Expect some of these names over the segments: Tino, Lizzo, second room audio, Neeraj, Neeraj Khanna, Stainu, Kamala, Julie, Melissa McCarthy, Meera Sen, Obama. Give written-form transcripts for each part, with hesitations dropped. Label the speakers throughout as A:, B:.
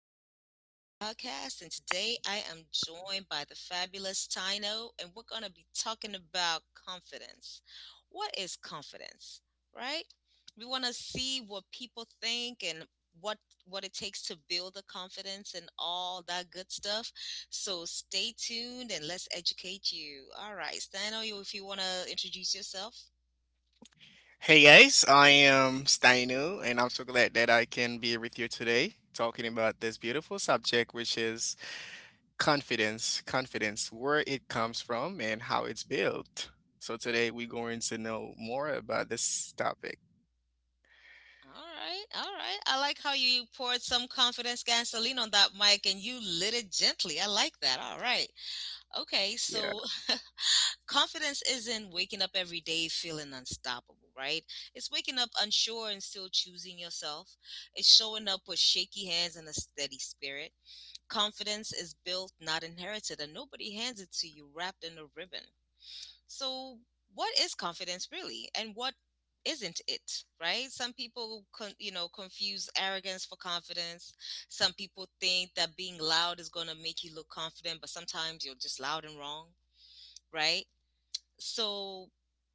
A: the Julie podcast. And today I am joined by the fabulous Tino, and we're going to be talking about confidence. What is confidence, right? We want to see what people think and what what it takes to build the confidence and all that good stuff. So stay tuned and let's educate you. All right, Stano, you if you want to introduce yourself.
B: Hey guys, I am Stainu, and I'm so glad that I can be with you today talking about this beautiful subject, which is confidence. Confidence, where it comes from and how it's built. So, today we're going to know more about this topic.
A: All right, all right. I like how you poured some confidence gasoline on that mic and you lit it gently. I like that. All right. Okay,
B: Yeah.
A: so confidence isn't waking up every day feeling unstoppable, right? It's waking up unsure and still choosing yourself. It's showing up with shaky hands and a steady spirit. Confidence is built, not inherited, and nobody hands it to you wrapped in a ribbon. So, what is confidence really, and what isn't it? Right? Some people, confuse arrogance for confidence. Some people think that being loud is going to make you look confident, but sometimes you're just loud and wrong. Right? So,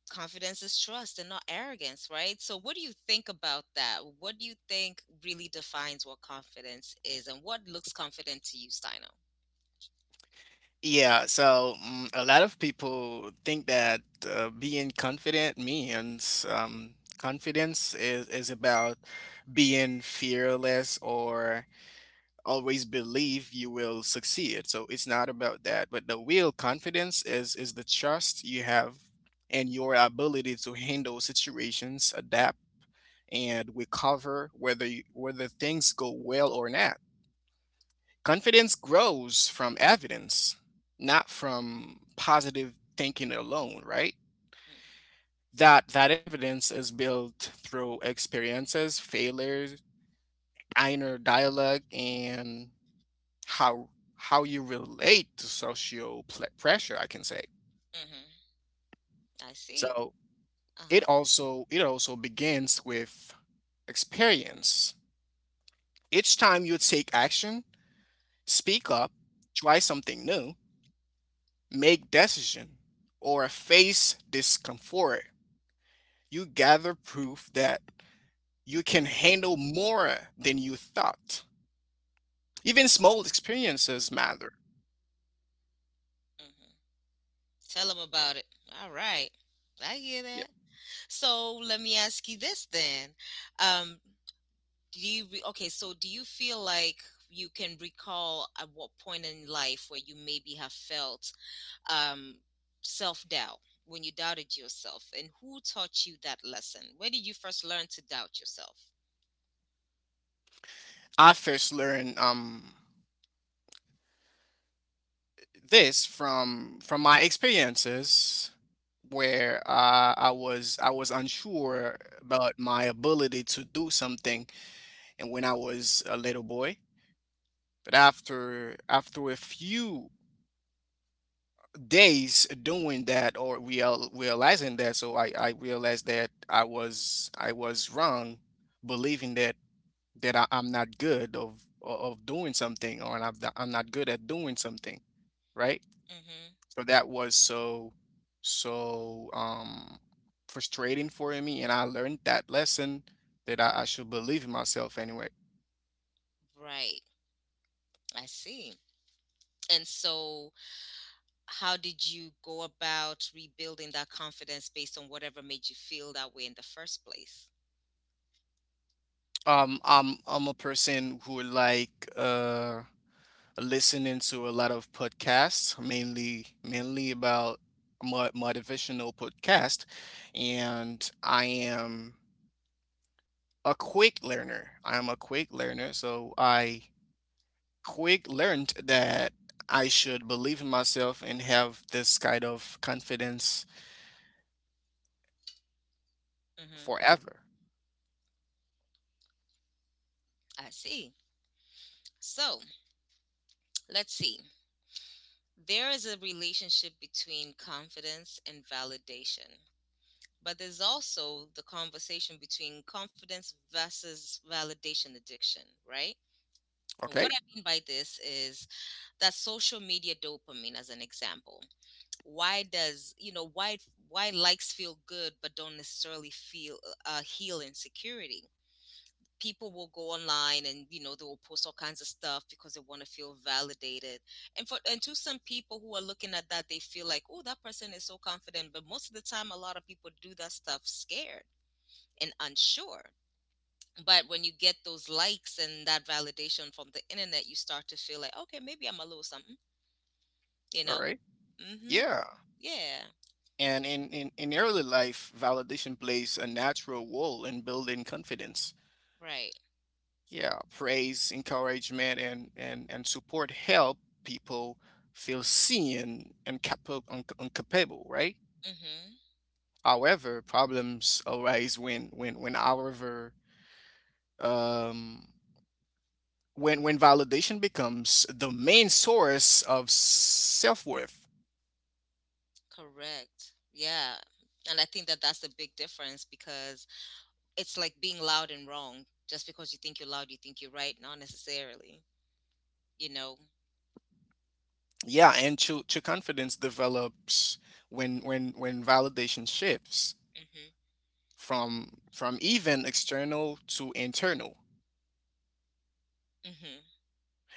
A: confidence is trust and not arrogance, right? So, what do you think about that? What do you think really defines what confidence is, and what looks confident to you, Steino?
B: A lot of people think that being confident means confidence is about being fearless or always believe you will succeed. So it's not about that. But the real confidence is the trust you have and your ability to handle situations, adapt and recover whether things go well or not. Confidence grows from evidence, not from positive thinking alone, right? That evidence is built through experiences, failures, inner dialogue and how how you relate to social pressure I can say
A: Mm-hmm. Mm-hmm. I see.
B: so
A: Uh
B: it also begins with experience. Each time you take action, speak up, try something new, make decision, or face discomfort, you gather proof that you can handle more than you thought. Even small experiences matter.
A: hmm Tell them about it. All right. I hear
B: Yeah.
A: that. So let me ask you this then. Um, do you re- okay? So Do you feel like you can recall at what point in life where you maybe have felt um, self doubt, when you doubted yourself, and who taught you that lesson? Where did you first learn to doubt yourself?
B: I first learned this from my experiences where I was unsure about my ability to do something, and when I was a little boy. But after a few days doing that or realizing that, so I realized that I was wrong believing that I'm not good of doing something, or I'm not good at doing something, right?
A: Mm-hmm.
B: So that was so so frustrating for me, and I learned that lesson that I should believe in myself anyway.
A: Right. I see. And so how did you go about rebuilding that confidence based on whatever made you feel that way in the first place?
B: I'm a person who like listening to a lot of podcasts, mainly about motivational podcast, and I am a quick learner. I am a quick learner, so I quick learned that I should believe in myself and have this kind of confidence
A: Mm-hmm.
B: forever.
A: I see. So let's see. There is a relationship between confidence and validation, but there's also the conversation between confidence versus validation addiction, right? And
B: Okay?
A: what I mean by this is that social media dopamine, as an example. Why does, why likes feel good but don't necessarily feel, heal insecurity? People will go online, and you know they will post all kinds of stuff because they want to feel validated. And for, and to some people who are looking at that, they feel like, oh, that person is so confident. But most of the time a lot of people do that stuff scared and unsure. But when you get those likes and that validation from the internet, you start to feel like, okay, maybe I'm a little something you
B: All
A: know
B: right.
A: mm-hmm.
B: Yeah.
A: Yeah.
B: And in early life, validation plays a natural role in building confidence.
A: Right.
B: Yeah. Praise, encouragement, and support help people feel seen and and capable, right?
A: Mm-hmm.
B: However, problems arise when our um, when validation becomes the main source of self-worth.
A: Correct. Yeah. And I think that that's the big difference, because it's like being loud and wrong. Just because you think you're loud, you think you're right. Not necessarily, you know.
B: Yeah, and true confidence develops when validation shifts
A: Hmm.
B: from even external to internal,
A: Hmm.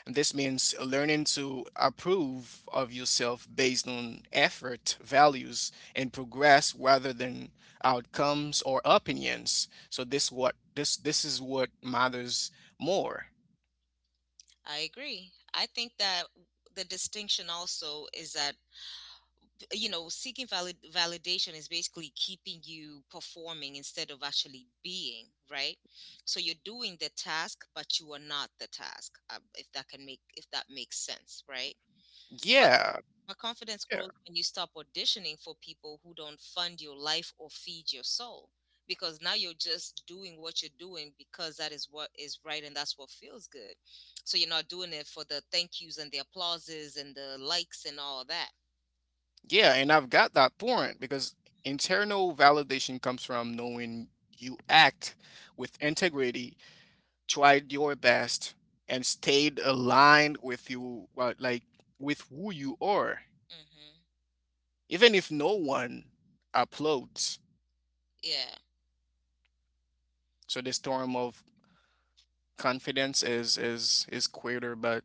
B: and this means learning to approve of yourself based on effort, values and progress rather than outcomes or opinions, so this is what matters more.
A: I agree. I think that the distinction also is that, you know, seeking validation is basically keeping you performing instead of actually being right. So you're doing the task, but you are not the task. If that makes sense, right? But
B: Yeah.
A: But confidence grows when you stop auditioning for people who don't fund your life or feed your soul. Because now you're just doing what you're doing because that is what is right and that's what feels good. So you're not doing it for the thank yous and the applauses and the likes and all that.
B: Yeah, and I've got that point because internal validation comes from knowing you act with integrity, tried your best, and stayed aligned with you, well, like with who you are,
A: Hmm.
B: even if no one applauds.
A: Yeah.
B: So the storm of confidence is quieter,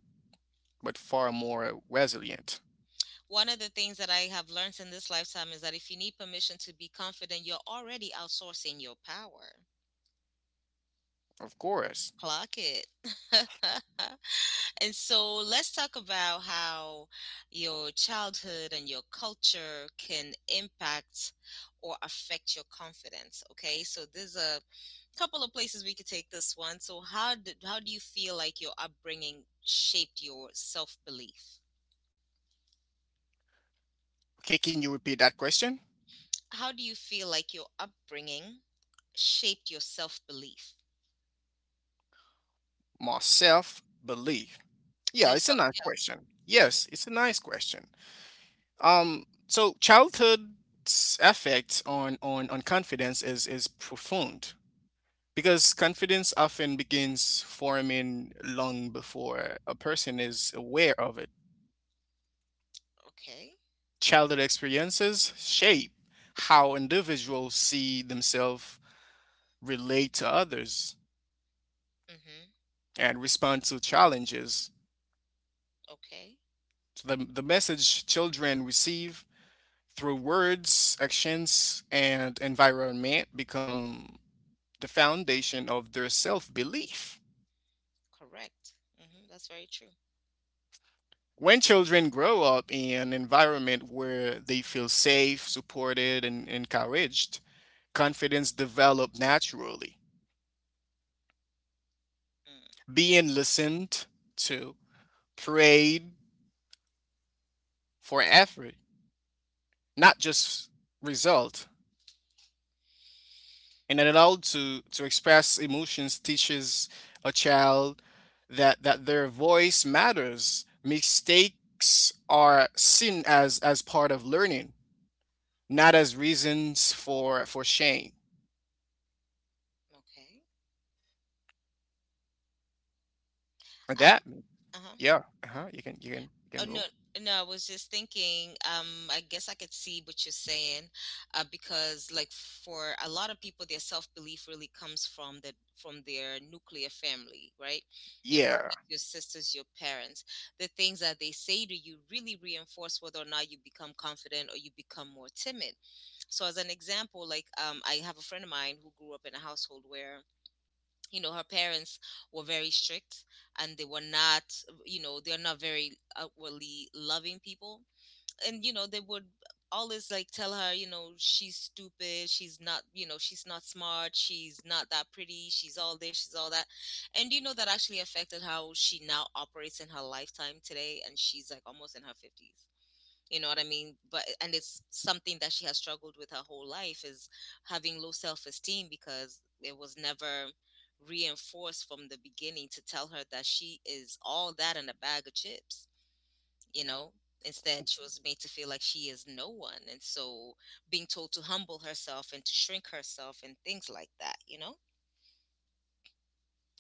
B: but far more resilient.
A: One of the things that I have learned in this lifetime is that if you need permission to be confident, you're already outsourcing your power.
B: Of course.
A: Clock it. And so let's talk about how your childhood and your culture can impact or affect your confidence. Okay, so there's a couple of places we could take this one. So how do you feel like your upbringing shaped your self belief?
B: Okay, can you repeat that question?
A: How do you feel like your upbringing shaped your self belief?
B: More self-belief. Yeah,
A: Your
B: it's a
A: self.
B: nice question.
A: Mhm.
B: Yes, it's a nice question. So childhood's effect on confidence is profound because confidence often begins forming long before a person is aware of it.
A: Okay.
B: Childhood experiences shape how individuals see themselves, relate to others,
A: Mm-hmm.
B: and respond to challenges.
A: Okay.
B: So the message children receive through words, actions, and environment become the foundation of their self belief.
A: Correct. Mm-hmm. That's very true.
B: When children grow up in an environment where they feel safe, supported, and encouraged, confidence develops naturally.
A: Mm.
B: Being listened to, prayed for effort, not just result, and allowed to, express emotions teaches a child that their voice matters. Mistakes are seen as part of learning, not as reasons for shame.
A: Okay.
B: And
A: I.
B: that.
A: Uh huh.
B: Yeah, uh-huh. You can you can
A: Oh no,
B: go.
A: no, I was just thinking, I guess I could see what you're saying, because like for a lot of people, their self-belief really comes from their nuclear family, right? Your
B: Yeah.
A: brothers, your sisters, your parents. The things that they say to you really reinforce whether or not you become confident or you become more timid. So as an example, like, I have a friend of mine who grew up in a household where, you know, her parents were very strict, and they were not, you know, they're not very outwardly loving people. And you know they would always like tell her, you know, she's stupid, she's not, you know, she's not smart, she's not that pretty, she's all this, she's all that. And you know that actually affected how she now operates in her lifetime today, and she's like almost in her 50s, you know what I mean. But and it's something that she has struggled with her whole life is having low self-esteem, because it was never reinforced from the beginning to tell her that she is all that in a bag of chips, you know. Instead she was made to feel like she is no one, and so being told to humble herself and to shrink herself and things like that, you know.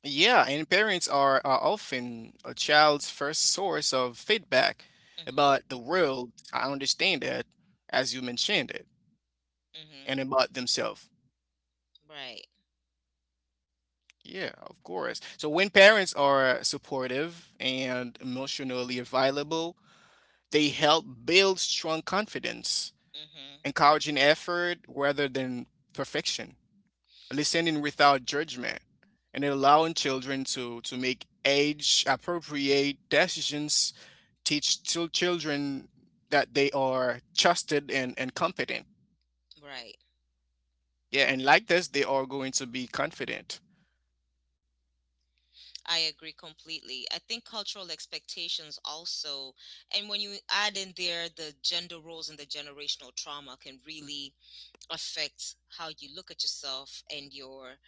B: Yeah, and parents are often a child's first source of feedback
A: Mhm.
B: about the world. I understand that, as you mentioned it, and
A: Mhm.
B: about themselves.
A: Right.
B: Yeah, of course. So when parents are supportive and emotionally available, they help build strong confidence,
A: Mhm.
B: encouraging effort rather than perfection, listening without judgment, and allowing children to, make age appropriate decisions, teach children that they are trusted and competent.
A: Right.
B: Yeah, and like this, they are going to be confident.
A: I agree completely. I think cultural expectations also, and when you add in there the gender roles and the generational trauma, can really affect how you look at yourself and your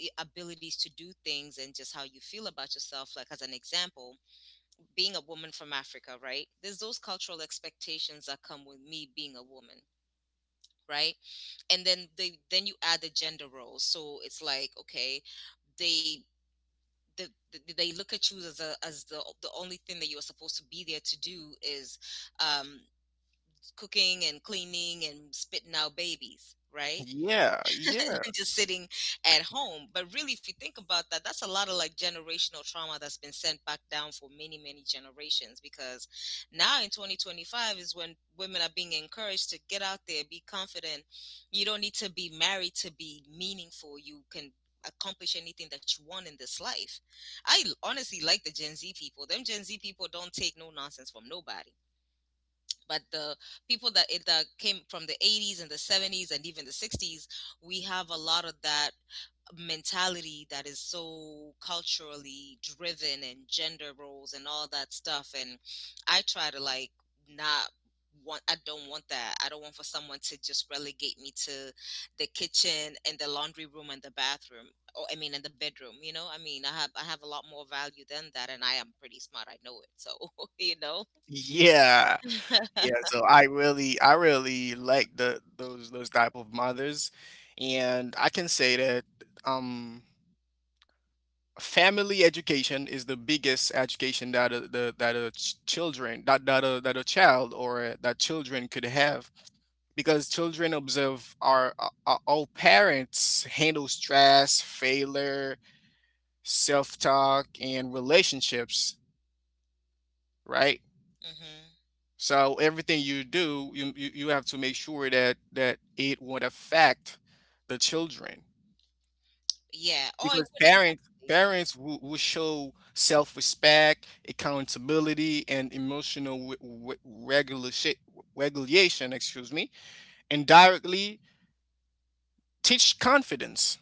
A: abilities to do things and just how you feel about yourself. Like, as an example, being a woman from Africa, right? There's those cultural expectations that come with me being a woman. Right, and then you add the gender roles, so it's like, okay, they they look at you as the only thing that you are supposed to be there to do is, um, cooking and cleaning and spitting out babies, right?
B: Yeah, yeah,
A: And just sitting at home. But really, if you think about that, that's a lot of like generational trauma that's been sent back down for many, many generations. Because now in 2025 is when women are being encouraged to get out there, be confident. You don't need to be married to be meaningful. You can accomplish anything that you want in this life. I honestly like the Gen Z people. Them Gen Z people don't take no nonsense from nobody, but the people that that came from the 80s and the 70s and even the 60s, we have a lot of that mentality that is so culturally driven and gender roles and all that stuff. And I try to like not want I don't want that, I don't want for someone to just relegate me to the kitchen and the laundry room and the bathroom, or I mean and the bedroom, you know. I mean I have a lot more value than that, and I am pretty smart, I know it, so you know.
B: yeah. Yeah, so I really like the those type of mothers, and I can say that um family education is the biggest education that children that that a child or that children could have, because children observe our parents handle stress, failure, self-talk, and relationships, right?
A: Hmm.
B: So everything you do, you have to make sure that it won't affect the children
A: Yeah. Oh, it
B: because parents
A: wouldn't.
B: parents will show self-respect, accountability, and emotional regulation. Regulation. Excuse me, and directly teach confidence.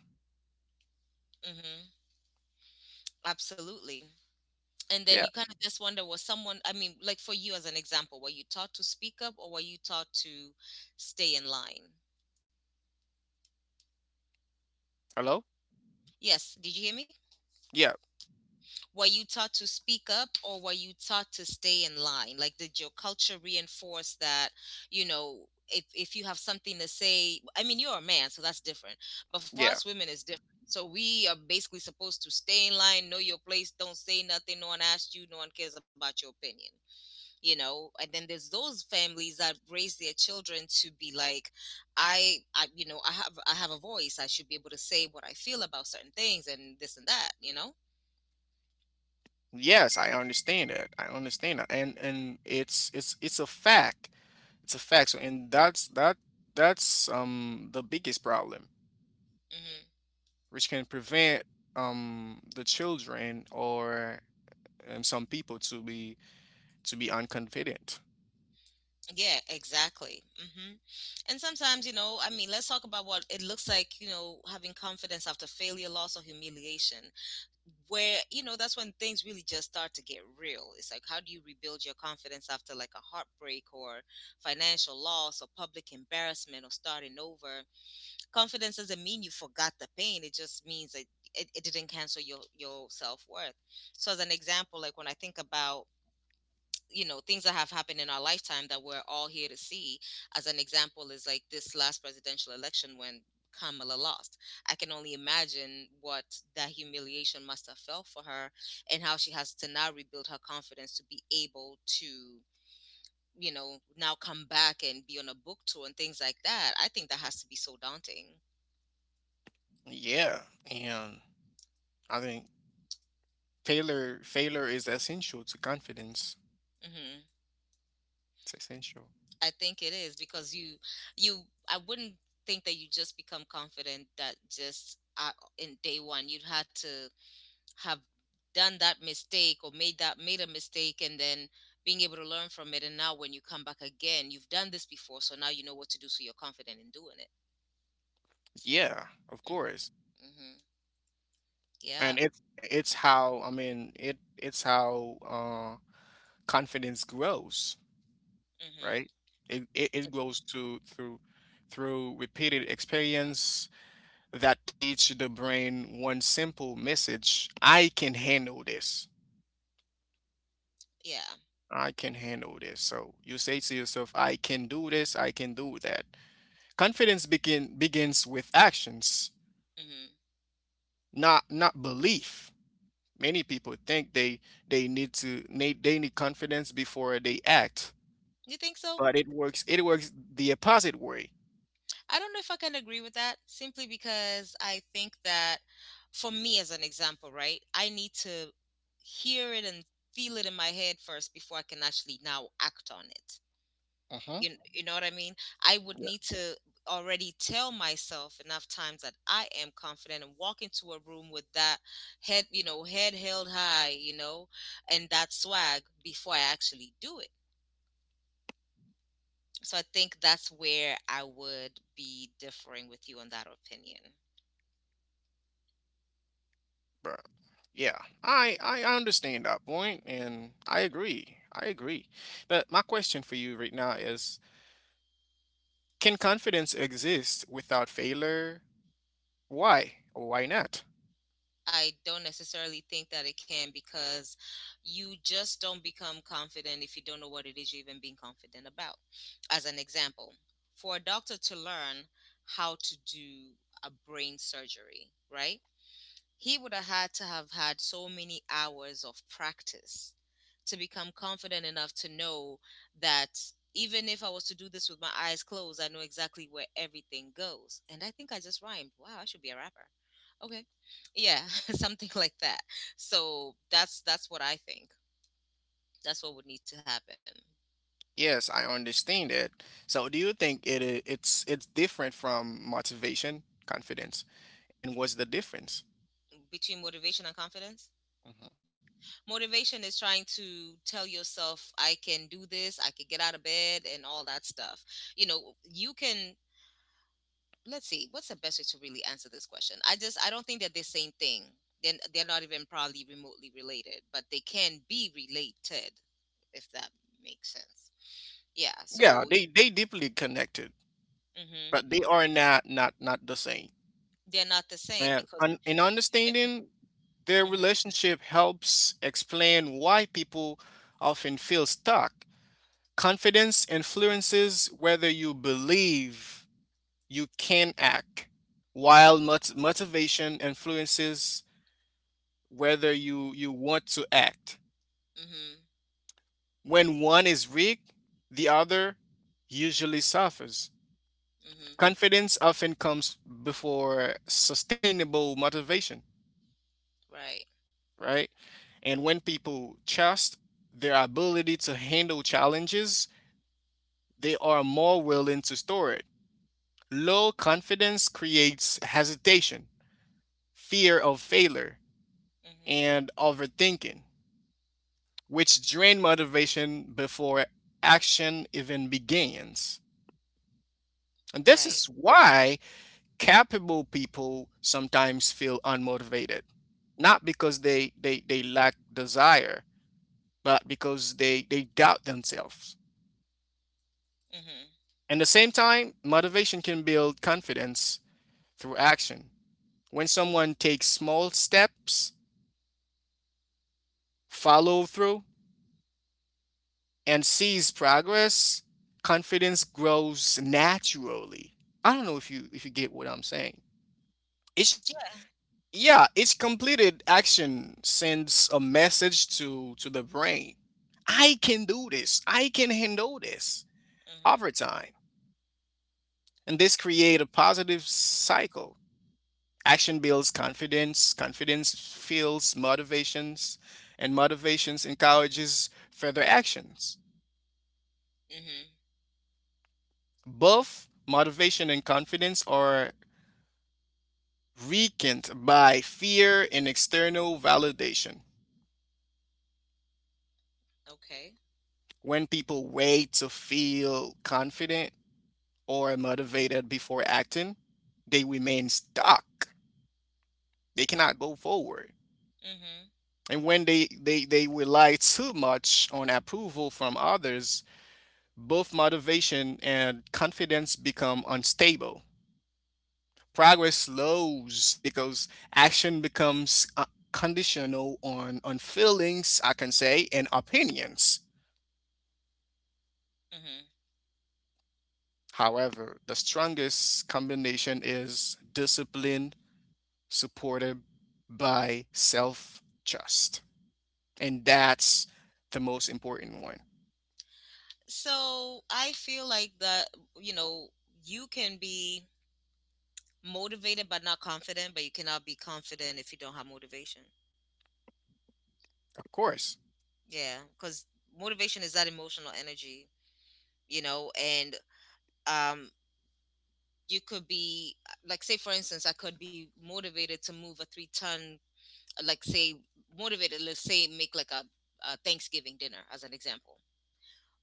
A: Mm-hmm. Mm-hmm. Absolutely. And then
B: Yeah.
A: you kind of just wonder, was someone, I mean, like for you as an example, were you taught to speak up or were you taught to stay in line?
B: Hello.
A: Yes. Did you hear me?
B: Yeah.
A: Were you taught to speak up or were you taught to stay in line? Like, did your culture reinforce that, you know, if you have something to say, I mean, you're a man, so that's different. But for us
B: Yeah.
A: women, it's different. So we are basically supposed to stay in line, know your place, don't say nothing. No one asked you, no one cares about your opinion, you know? And then there's those families that raise their children to be like, you know, I have a voice. I should be able to say what I feel about certain things and this and that, you know?
B: Yes, I understand that. I understand that. And it's a fact. It's a fact. So and that's that's the biggest problem,
A: Mm-hmm.
B: which can prevent the children or some people to be unconfident.
A: Yeah, exactly. Hmm. And sometimes, you know, I mean, let's talk about what it looks like, you know, having confidence after failure, loss, or humiliation, where, you know, that's when things really just start to get real. It's like, how do you rebuild your confidence after like a heartbreak or financial loss or public embarrassment or starting over? Confidence doesn't mean you forgot the pain, it just means that it didn't cancel your self worth. So, as an example, like when I think about, you know, things that have happened in our lifetime that we're all here to see, as an example is like this last presidential election when Kamala lost. I can only imagine what that humiliation must have felt for her and how she has to now rebuild her confidence to be able to now come back and be on a book tour and things like that. I think that has to be so daunting.
B: Yeah, and I think failure is essential to confidence.
A: Hmm.
B: It's essential.
A: I think it is because you I wouldn't think that you just become confident that just in day one you'd had to have done that mistake or made a mistake and then being able to learn from it, and now when you come back again, you've done this before, so now you know what to do, so you're confident in doing it.
B: Yeah, of course.
A: Mm-hmm. Mm-hmm. Yeah.
B: And it's how. I mean, it's how confidence grows,
A: Mm-hmm.
B: right? It grows to through repeated experience that teach the brain one simple message: I can handle this.
A: Yeah.
B: I can handle this. So you say to yourself, I can do this, I can do that. Confidence begins with actions,
A: Mm-hmm.
B: not not belief. Many people think they need confidence before they act,
A: You think so?
B: but it works the opposite way.
A: I don't know if I can agree with that simply because I think that for me, as an example, right, I need to hear it and feel it in my head first before I can actually now act on it.
B: Uh huh.
A: You know what I mean? I would
B: Yeah.
A: need to already tell myself enough times that I am confident and walk into a room with that head, head held high, and that swag before I actually do it. So I think that's where I would be differing with you on that opinion.
B: But yeah, I understand that point, and I agree. I agree. But my question for you right now is: can confidence exist without failure? Why or why not?
A: I don't necessarily think that it can, because you just don't become confident if you don't know what it is you're even being confident about. As an example, for a doctor to learn how to do a brain surgery, right? He would have had to have had so many hours of practice to become confident enough to know that even if I was to do this with my eyes closed, I know exactly where everything goes. And I think I just rhymed. Wow, I should be a rapper. Okay. Yeah, something like that. So that's what I think. That's what would need to happen.
B: Yes, I understand it. So, do you think it's different from motivation, confidence, and what's the difference?
A: Between motivation and confidence.
B: Mhm.
A: Motivation is trying to tell yourself I can do this, I can get out of bed, and all that stuff. You know, you can, let's see, what's the best way to really answer this question. I just, I don't think they're the same thing. Then they're not even probably remotely related, but they can be related, if that makes sense. Yeah.
B: Yeah,
A: So,
B: they deeply connected,
A: hmm,
B: but they are not the same.
A: they're not the same
B: And
A: because
B: in
A: you might be.
B: understanding their
A: Hmm.
B: relationship helps explain why people often feel stuck. Confidence influences whether you believe you can act, while motivation influences whether you want to act.
A: Hmm.
B: When one is weak, the other usually suffers.
A: Hmm.
B: Confidence often comes before sustainable motivation,
A: Right.
B: right? And when people trust their ability to handle challenges, they are more willing to store it. Low confidence creates hesitation, fear of failure,
A: Hmm.
B: and overthinking, which drain motivation before action even begins. And this
A: Right.
B: is why capable people sometimes feel unmotivated, not because they lack desire, but because they doubt themselves.
A: Hmm.
B: At the same time, motivation can build confidence through action. When someone takes small steps, follow through, and sees progress, confidence grows naturally. I don't know if you get what I'm saying. It's, yeah, each completed action sends a message to the brain. I can do this. I can handle this over
A: Hmm.
B: time. And this create a positive cycle. Action builds confidence, confidence fuels motivations, and motivations encourages further actions.
A: Hmm.
B: Both motivation and confidence are weakened by fear and external validation.
A: Okay.
B: When people wait to feel confident or motivated before acting, they remain stuck. They cannot go forward.
A: Hmm.
B: And when they rely too much on approval from others, both motivation and confidence become unstable. Progress slows because action becomes conditional on feelings, I can say, and opinions.
A: Hmm.
B: However, the strongest combination is discipline supported by self trust. And that's the most important one.
A: So I feel like that, you know, you can be motivated but not confident, but you cannot be confident if you don't have motivation.
B: Of course.
A: Yeah, because motivation is that emotional energy, you know, and um, you could be, like, say, for instance, I could be motivated to move a three-ton, like, say, motivated, let's say, make like a Thanksgiving dinner as an example.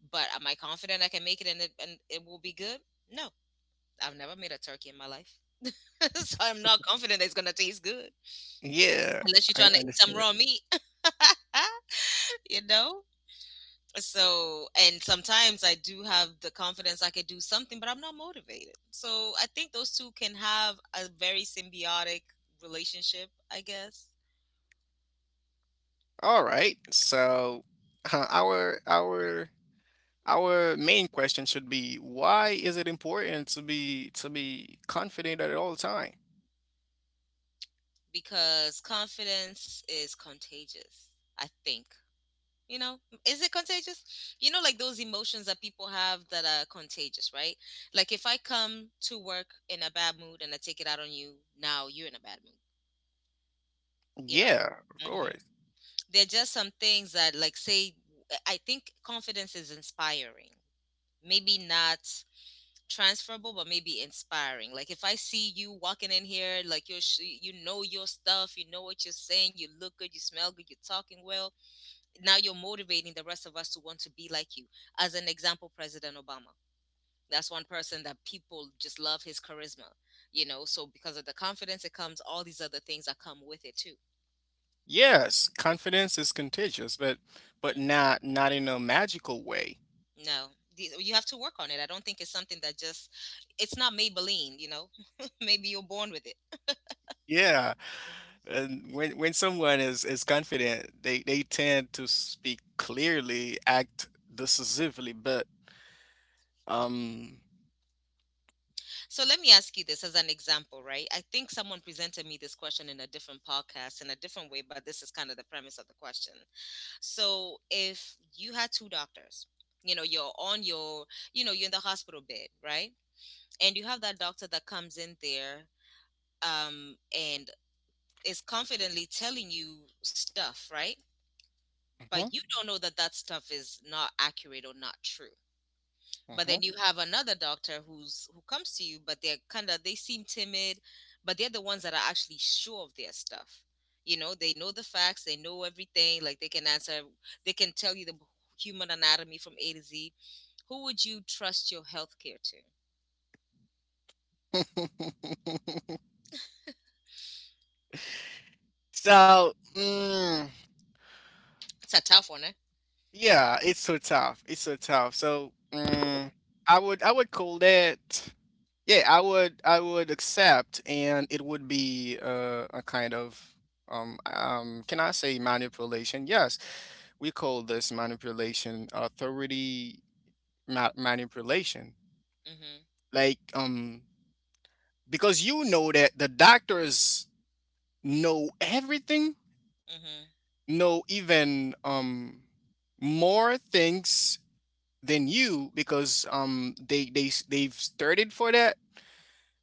A: But am I confident I can make it and it, and it will be good? No, I've never made a turkey in my life. So I'm not confident that it's going to taste good,
B: Yeah,
A: unless you're
B: I
A: trying to eat some
B: understand it.
A: raw meat, you know? So, and sometimes I do have the confidence I could do something, but I'm not motivated, so I think those two can have a very symbiotic relationship, I guess.
B: All right. So, our our main question should be: why is it important to be confident at all time?
A: Because confidence is contagious, I think, you know. Is it contagious? You know, like those emotions that people have that are contagious, right? Like if I come to work in a bad mood and I take it out on you, now you're in a bad mood, you know.
B: Yeah, of
A: Mm-hmm.
B: course.
A: There are just some things that, like, say, I think confidence is inspiring. Maybe not transferable, but maybe inspiring. Like if I see you walking in here like you're you know your stuff, you know what you're saying, you look good, you smell good, you're talking well, now you're motivating the rest of us to want to be like you. As an example, President Obama, that's one person that people just love his charisma, you know, so because of the confidence, it comes all these other things that come with it too.
B: Yes, confidence is contagious, but not not in a magical way.
A: No, these, you have to work on it. I don't think it's something that just, it's not Maybelline, you know? Maybe you're born with it.
B: Yeah,
A: Hmm.
B: and when someone is confident, they tend to speak clearly, act decisively, but
A: Mm.
B: um.
A: So let me ask you this as an example, right? I think someone presented me this question in a different podcast in a different way, but this is kind of the premise of the question. So if you had two doctors, you know, you're on your, you know, you're in the hospital bed, right? And you have that doctor that comes in there, and is confidently telling you stuff, right? But
B: Mhm,
A: you don't know that that stuff is not accurate or not true. But then
B: mhm.
A: you have another doctor who's, who comes to you, but they're kind of, they seem timid, but they're the ones that are actually sure of their stuff. You know, they know the facts, they know everything, like they can answer, they can tell you the human anatomy from A to Z. Who would you trust your healthcare to?
B: So, mm,
A: It's a tough one, eh?
B: yeah, it's so tough. It's so tough. So, mm, I would call that, yeah, I would accept, and it would be a kind of can I say manipulation? Yes. We call this manipulation authority manipulation,
A: Mhm.
B: like because you know that the doctors know everything,
A: Mhm.
B: know even more things than you, because they've studied for that,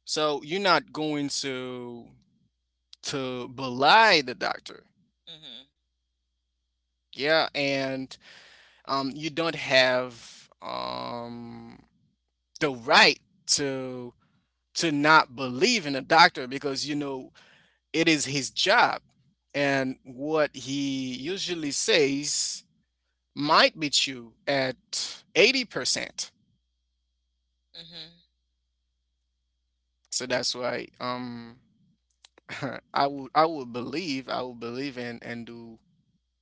B: so you're not going to belie the doctor.
A: Mhm.
B: Yeah, and you don't have the right to not believe in a doctor, because you know it is his job, and what he usually says might be true at 80%.
A: Mhm.
B: So that's why I would believe, I would believe in and do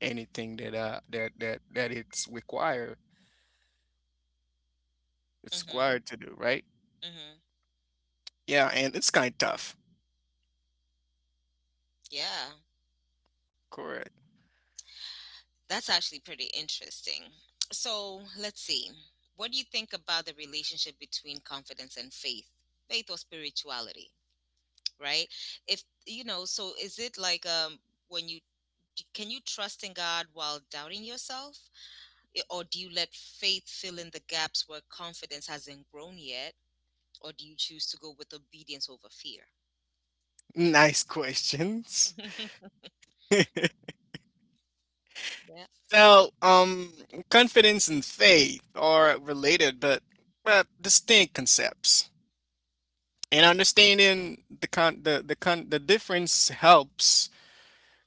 B: anything that that it's required. It's
A: Mhm.
B: required to do, right?
A: Mhm.
B: Yeah, and it's kind of tough.
A: Yeah.
B: Correct.
A: That's actually pretty interesting. So let's see. What do you think about the relationship between confidence and faith, faith or spirituality, right? If you know, so is it like, um, when you, can you trust in God while doubting yourself, or do you let faith fill in the gaps where confidence hasn't grown yet, or do you choose to go with obedience over fear?
B: Nice questions.
A: Yeah.
B: So, confidence and faith are related, but distinct concepts, and understanding the difference helps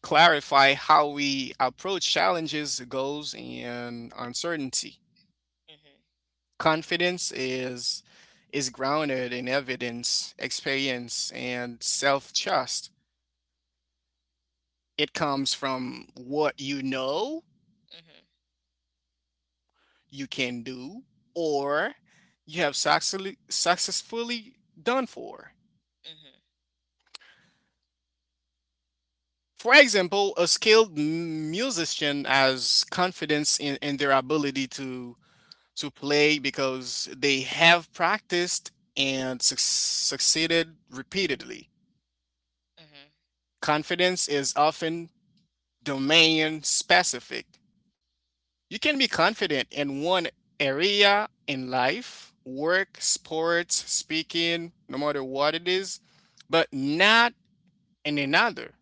B: clarify how we approach challenges, goals, and uncertainty.
A: Mhm.
B: Confidence is grounded in evidence, experience, and self-trust. It comes from what you know
A: Mhm.
B: you can do or you have successfully done for.
A: Mhm.
B: For example, a skilled musician has confidence in their ability to play because they have practiced and succeeded repeatedly.
A: Mhm.
B: Confidence is often domain specific. You can be confident in one area in life, work, sports, speaking, no matter what it is, but not in another.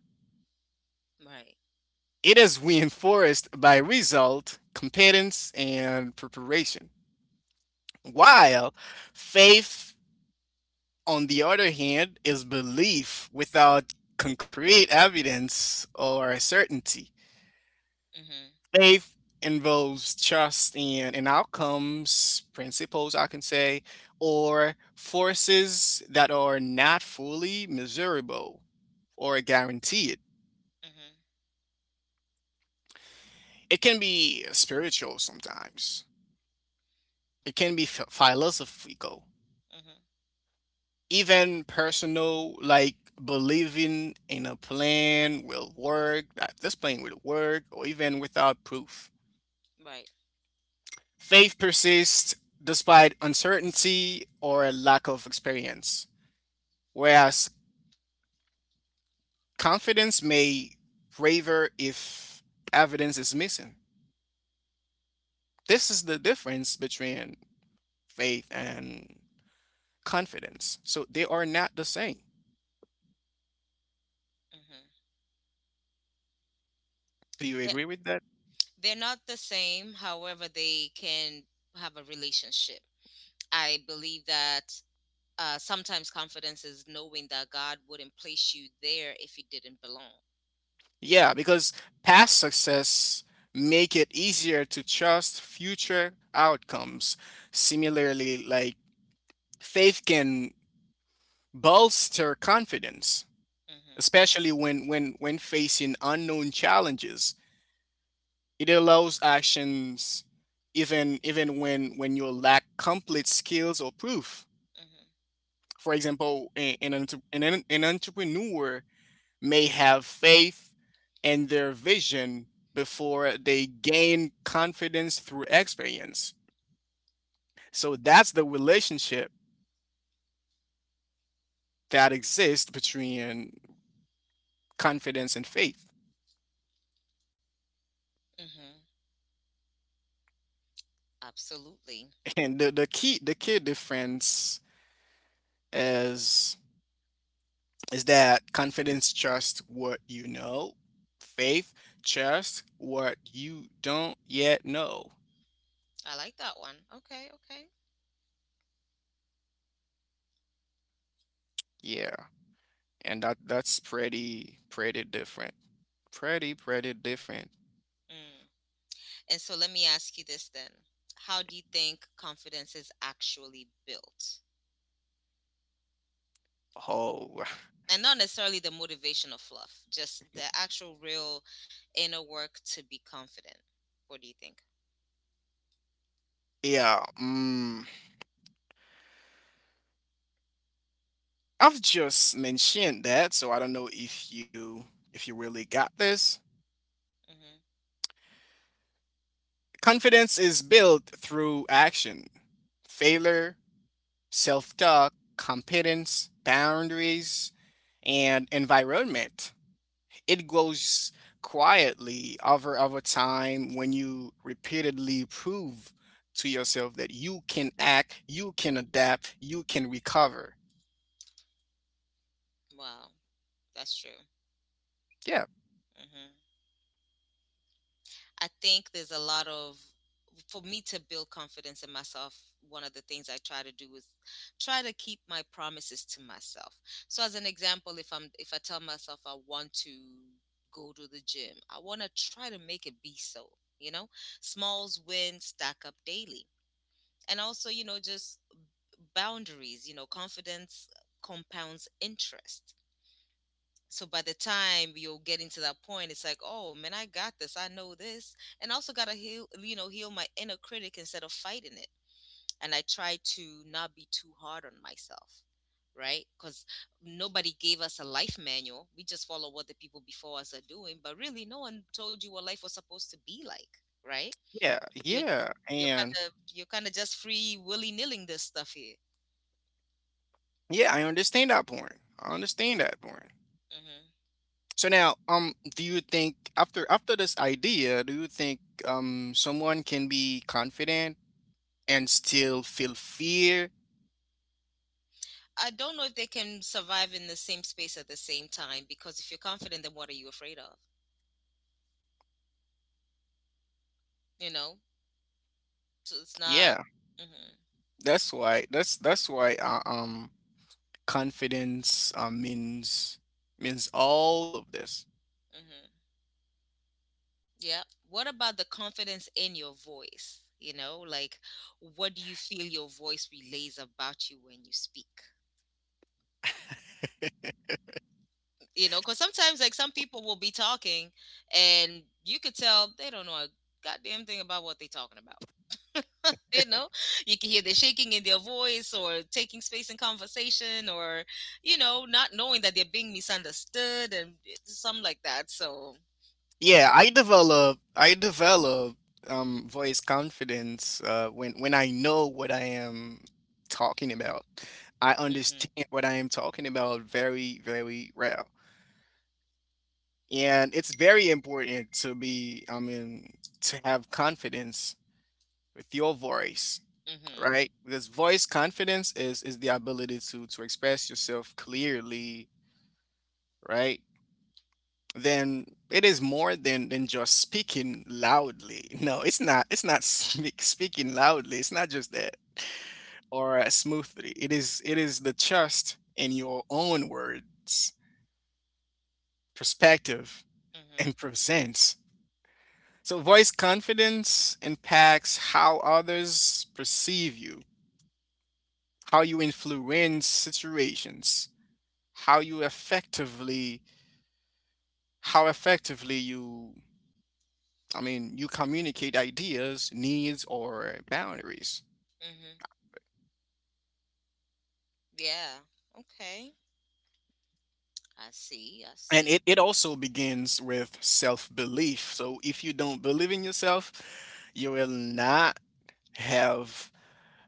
A: Right.
B: It is reinforced by result, competence, and preparation.
A: Mhm.
B: While faith, on the other hand, is belief without concrete evidence or certainty.
A: Mhm.
B: Faith involves trust in outcomes, principles, I can say, or forces that are not fully measurable or guaranteed.
A: Mhm.
B: It can be spiritual sometimes. It can be philosophical,
A: Mhm.
B: even personal, like believing in a plan will work, or even without proof,
A: Right.
B: faith persists despite uncertainty or a lack of experience, whereas confidence may waver if evidence is missing. This is the difference between faith and confidence, so they are not the same.
A: Mhm.
B: Do you
A: They're,
B: agree with that?
A: they're not the same. However, they can have a relationship. I believe that, uh, sometimes confidence is knowing that God wouldn't place you there if you didn't belong.
B: Yeah, because past success make it easier to trust future outcomes. Similarly, like, faith can bolster confidence,
A: Mhm.
B: especially when facing unknown challenges. It allows actions even when you lack complete skills or proof.
A: Mhm.
B: For example, an entrepreneur may have faith in their vision before they gain confidence through experience. So that's the relationship that exists between confidence and faith.
A: Mhm. Absolutely.
B: And the key difference is is that confidence trusts what you know. Faith trusts what you don't yet know.
A: I like that one. Okay. Okay.
B: Yeah. And that's pretty different. Pretty different.
A: Mm. And so let me ask you this then: how do you think confidence is actually built?
B: Oh.
A: And not necessarily the motivational fluff, just the actual real inner work to be confident. What do you think?
B: Yeah, I've just mentioned that, so I don't know if you really got this.
A: Hmm.
B: Confidence is built through action. Failure, self-talk, competence, boundaries, and environment. It grows quietly over time when you repeatedly prove to yourself that you can act, you can adapt, you can recover.
A: Wow, that's true.
B: Yeah,
A: Hmm. I think there's a lot of, for me to build confidence in myself. One of the things I try to do is try to keep my promises to myself. So, as an example, if I tell myself I want to go to the gym, I want to try to make it be so. You know, smalls wins stack up daily, and also, you know, just boundaries, you know, confidence compounds interest. So by the time you'll get into that point, it's like, oh man, I got this. I know this. And I also gotta heal, you know, heal my inner critic instead of fighting it. And I try to not be too hard on myself, right? Because nobody gave us a life manual. We just follow what the people before us are doing, but really, no one told you what life was supposed to be like, right?
B: yeah,
A: You're
B: yeah.
A: you're
B: And
A: kind of you're kind of just free willy nilling this stuff here.
B: yeah, I understand that point. I understand that point.
A: Mm-hmm.
B: So now, do you think after this idea, do you think someone can be confident and still feel fear?
A: I don't know if they can survive in the same space at the same time, because if you're confident, then what are you afraid of? You know, so it's not.
B: Yeah,
A: Hmm.
B: that's why. That's why confidence means means all of this.
A: Hmm. Yeah. What about the confidence in your voice? You know, like, what do you feel your voice relays about you when you speak? You know, because sometimes like some people will be talking and you could tell they don't know a goddamn thing about what they're talking about, you know. You can hear the shaking in their voice, or taking space in conversation, or, you know, not knowing that they're being misunderstood, and some like that. So,
B: Yeah, I develop voice confidence when I know what I am talking about. I
A: mm-hmm,
B: understand what I am talking about very, very well. And it's very important to be, I mean, to have confidence with your voice,
A: mm-hmm,
B: right? Because voice confidence is the ability to express yourself clearly, right? Then it is more than just speaking loudly. No, it's not. It's not speaking loudly. It's not just that or smoothly. It is the trust in your own words, perspective, and
A: mm-hmm,
B: presence. So voice confidence impacts how others perceive you, how you influence situations, how you effectively how effectively you, I mean, you communicate ideas, needs, or boundaries.
A: mm-hmm. Yeah. Okay. I see, I
B: And
A: see.
B: it also begins with self belief. So if you don't believe in yourself, you will not have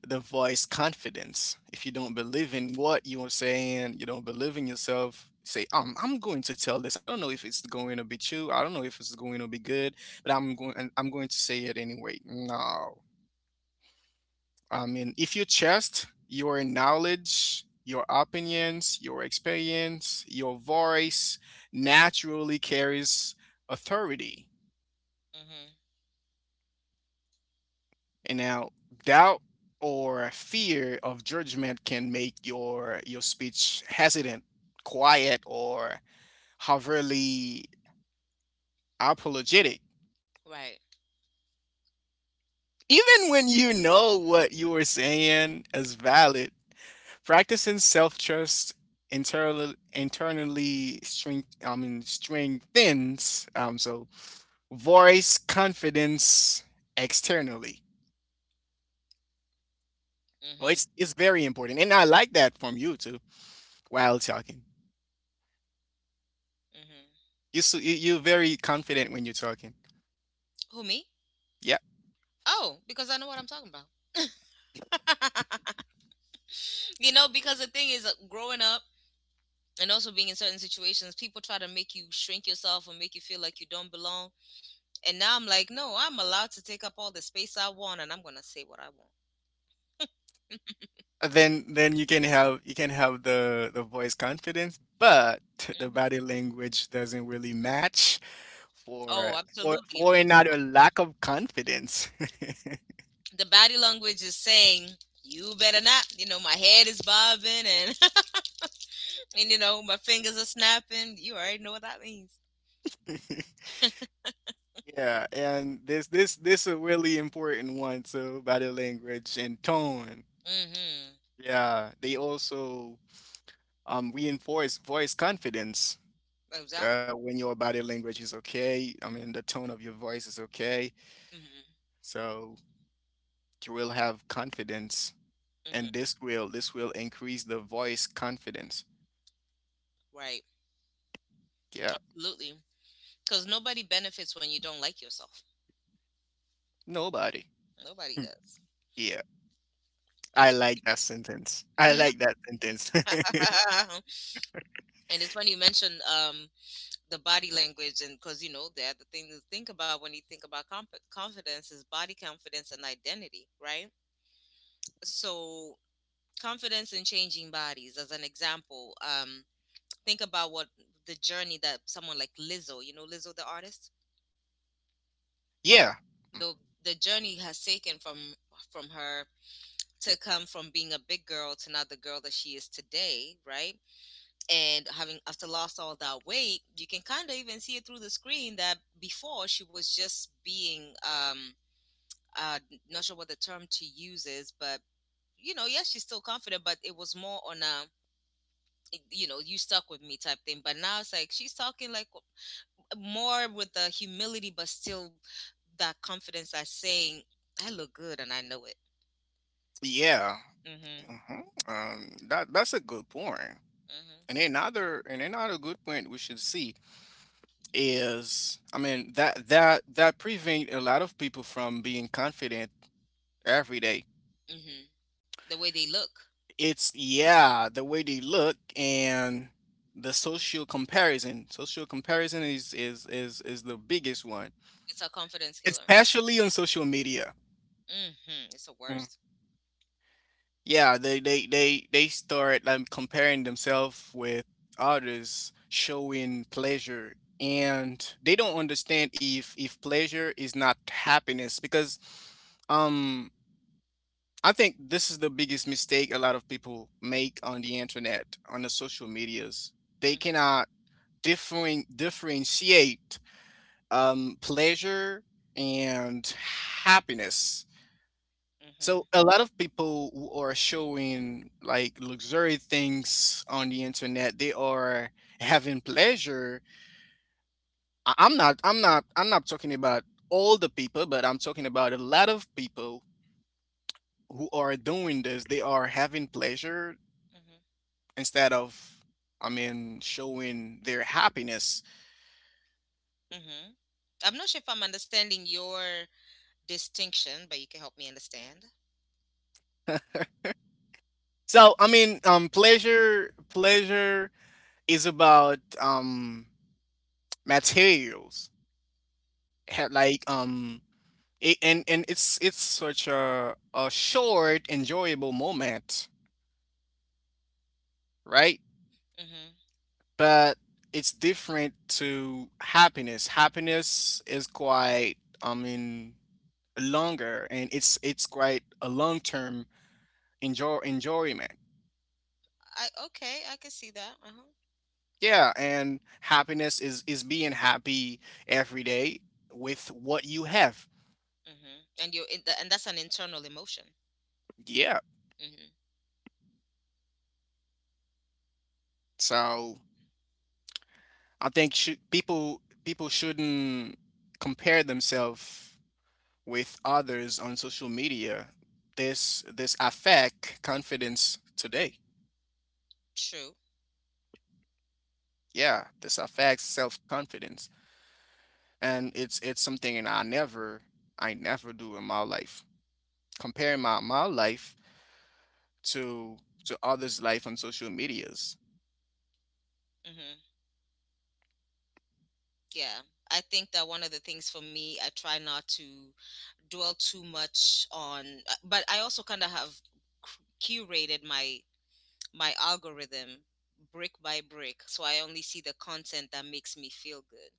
B: the voice confidence. If you don't believe in what you're saying, you don't believe in yourself, say, I'm going to tell this. I don't know if it's going to be true. I don't know if it's going to be good, but I'm going to say it anyway. No. I mean, if you trust your knowledge, your opinions, your experience, your voice naturally carries authority.
A: Mm-hmm.
B: And now, doubt or fear of judgment can make your speech hesitant, quiet, or overly apologetic.
A: Right.
B: Even when you know what you were saying is valid, practicing self-trust internally strengthens, so voice confidence externally. Well, it's
A: Mm-hmm,
B: it's very important, and I like that from you too. While talking,
A: mm-hmm.
B: you're very confident when you're talking.
A: Who, me?
B: Yeah.
A: Oh, because I know what I'm talking about. You know, because the thing is, growing up and also being in certain situations, people try to make you shrink yourself or make you feel like you don't belong. And now I'm like, no, I'm allowed to take up all the space I want, and I'm going to say what I want.
B: Then, then you can have the voice confidence, but the
A: Mhm.
B: body language doesn't really match for
A: Oh,
B: for
A: absolutely.
B: another lack of confidence.
A: The body language is saying, you better not. You know, my head is bobbing, and and you know, my fingers are snapping. You already know what that means.
B: Yeah, and this a really important one. So body language and tone.
A: Mm-hmm.
B: Yeah, they also reinforce voice confidence.
A: Exactly.
B: When your body language is okay, I mean the tone of your voice is okay,
A: Mm-hmm.
B: so you will have confidence. And
A: Mm-hmm.
B: this will increase the voice confidence.
A: Right.
B: Yeah.
A: Absolutely. Because nobody benefits when you don't like yourself.
B: Nobody.
A: Nobody
B: Hmm.
A: does.
B: Yeah. I
A: It's funny you
B: like that sentence.
A: mention-
B: I like that sentence.
A: And it's funny you mentioned the body language, and because the other thing to think about when you think about confidence is body confidence and identity, right? So confidence in changing bodies as an example. Think about what the journey that someone like Lizzo, Lizzo the artist,
B: Yeah,
A: the the journey has taken from her to come from being a big girl to now the girl that she is today, right? And having after lost all that weight, you can kind of even see it through the screen that before she was just being uh not sure what the term to use is, but yes, she's still confident, but it was more on a, you stuck with me type thing. But now it's like she's talking like more with the humility, but still that confidence that's saying, "I look good and I know it."
B: yeah.
A: Mm-hmm.
B: Hmm. That that's a good point. And
A: Mm-hmm.
B: another, and another good point we should see is, I mean, that that prevent a lot of people from being confident every day.
A: Mm-hmm. The way they look.
B: It's yeah, the way they look and the social comparison. Social comparison is the biggest one,
A: It's a confidence killer.
B: especially on social media.
A: Mm-hmm. It's the
B: Mm.
A: worst.
B: Yeah, they start like comparing themselves with others, showing pleasure, and they don't understand if pleasure is not happiness because um I think this is the biggest mistake a lot of people make on the internet, on the social medias. They
A: Mm-hmm.
B: cannot differentiate pleasure and happiness. So
A: Mm-hmm.
B: a lot of people who are showing like luxury things on the internet, they are having pleasure. I'm not talking about all the people, but I'm talking about a lot of people who are doing this. They are having pleasure
A: Mm-hmm.
B: instead of, I mean, showing their happiness.
A: Mm-hmm. I'm not sure if I'm understanding your distinction, but you can help me understand.
B: So I mean, pleasure is about materials.
A: Mm-hmm.
B: Like, it, and it's such a short enjoyable moment, right?
A: Mm-hmm.
B: But it's different to happiness. Happiness is quite, I mean, longer, and it's quite a long-term enjoyment.
A: I Okay, I can see that. Uh-huh.
B: Yeah, and happiness is being happy every day with what you have.
A: Mm-hmm. And that's an internal emotion.
B: Yeah.
A: Mm-hmm.
B: So I think should people people shouldn't compare themselves with others on social media. This affect confidence today.
A: True.
B: Yeah, this affects self-confidence. And it's something that I never do in my life. Comparing my life to to others' life on social medias.
A: Mm-hmm. Yeah. I think that one of the things for me, I try not to dwell too much on, but I also kind of have curated my algorithm brick by brick, so I only see the content that makes me feel good.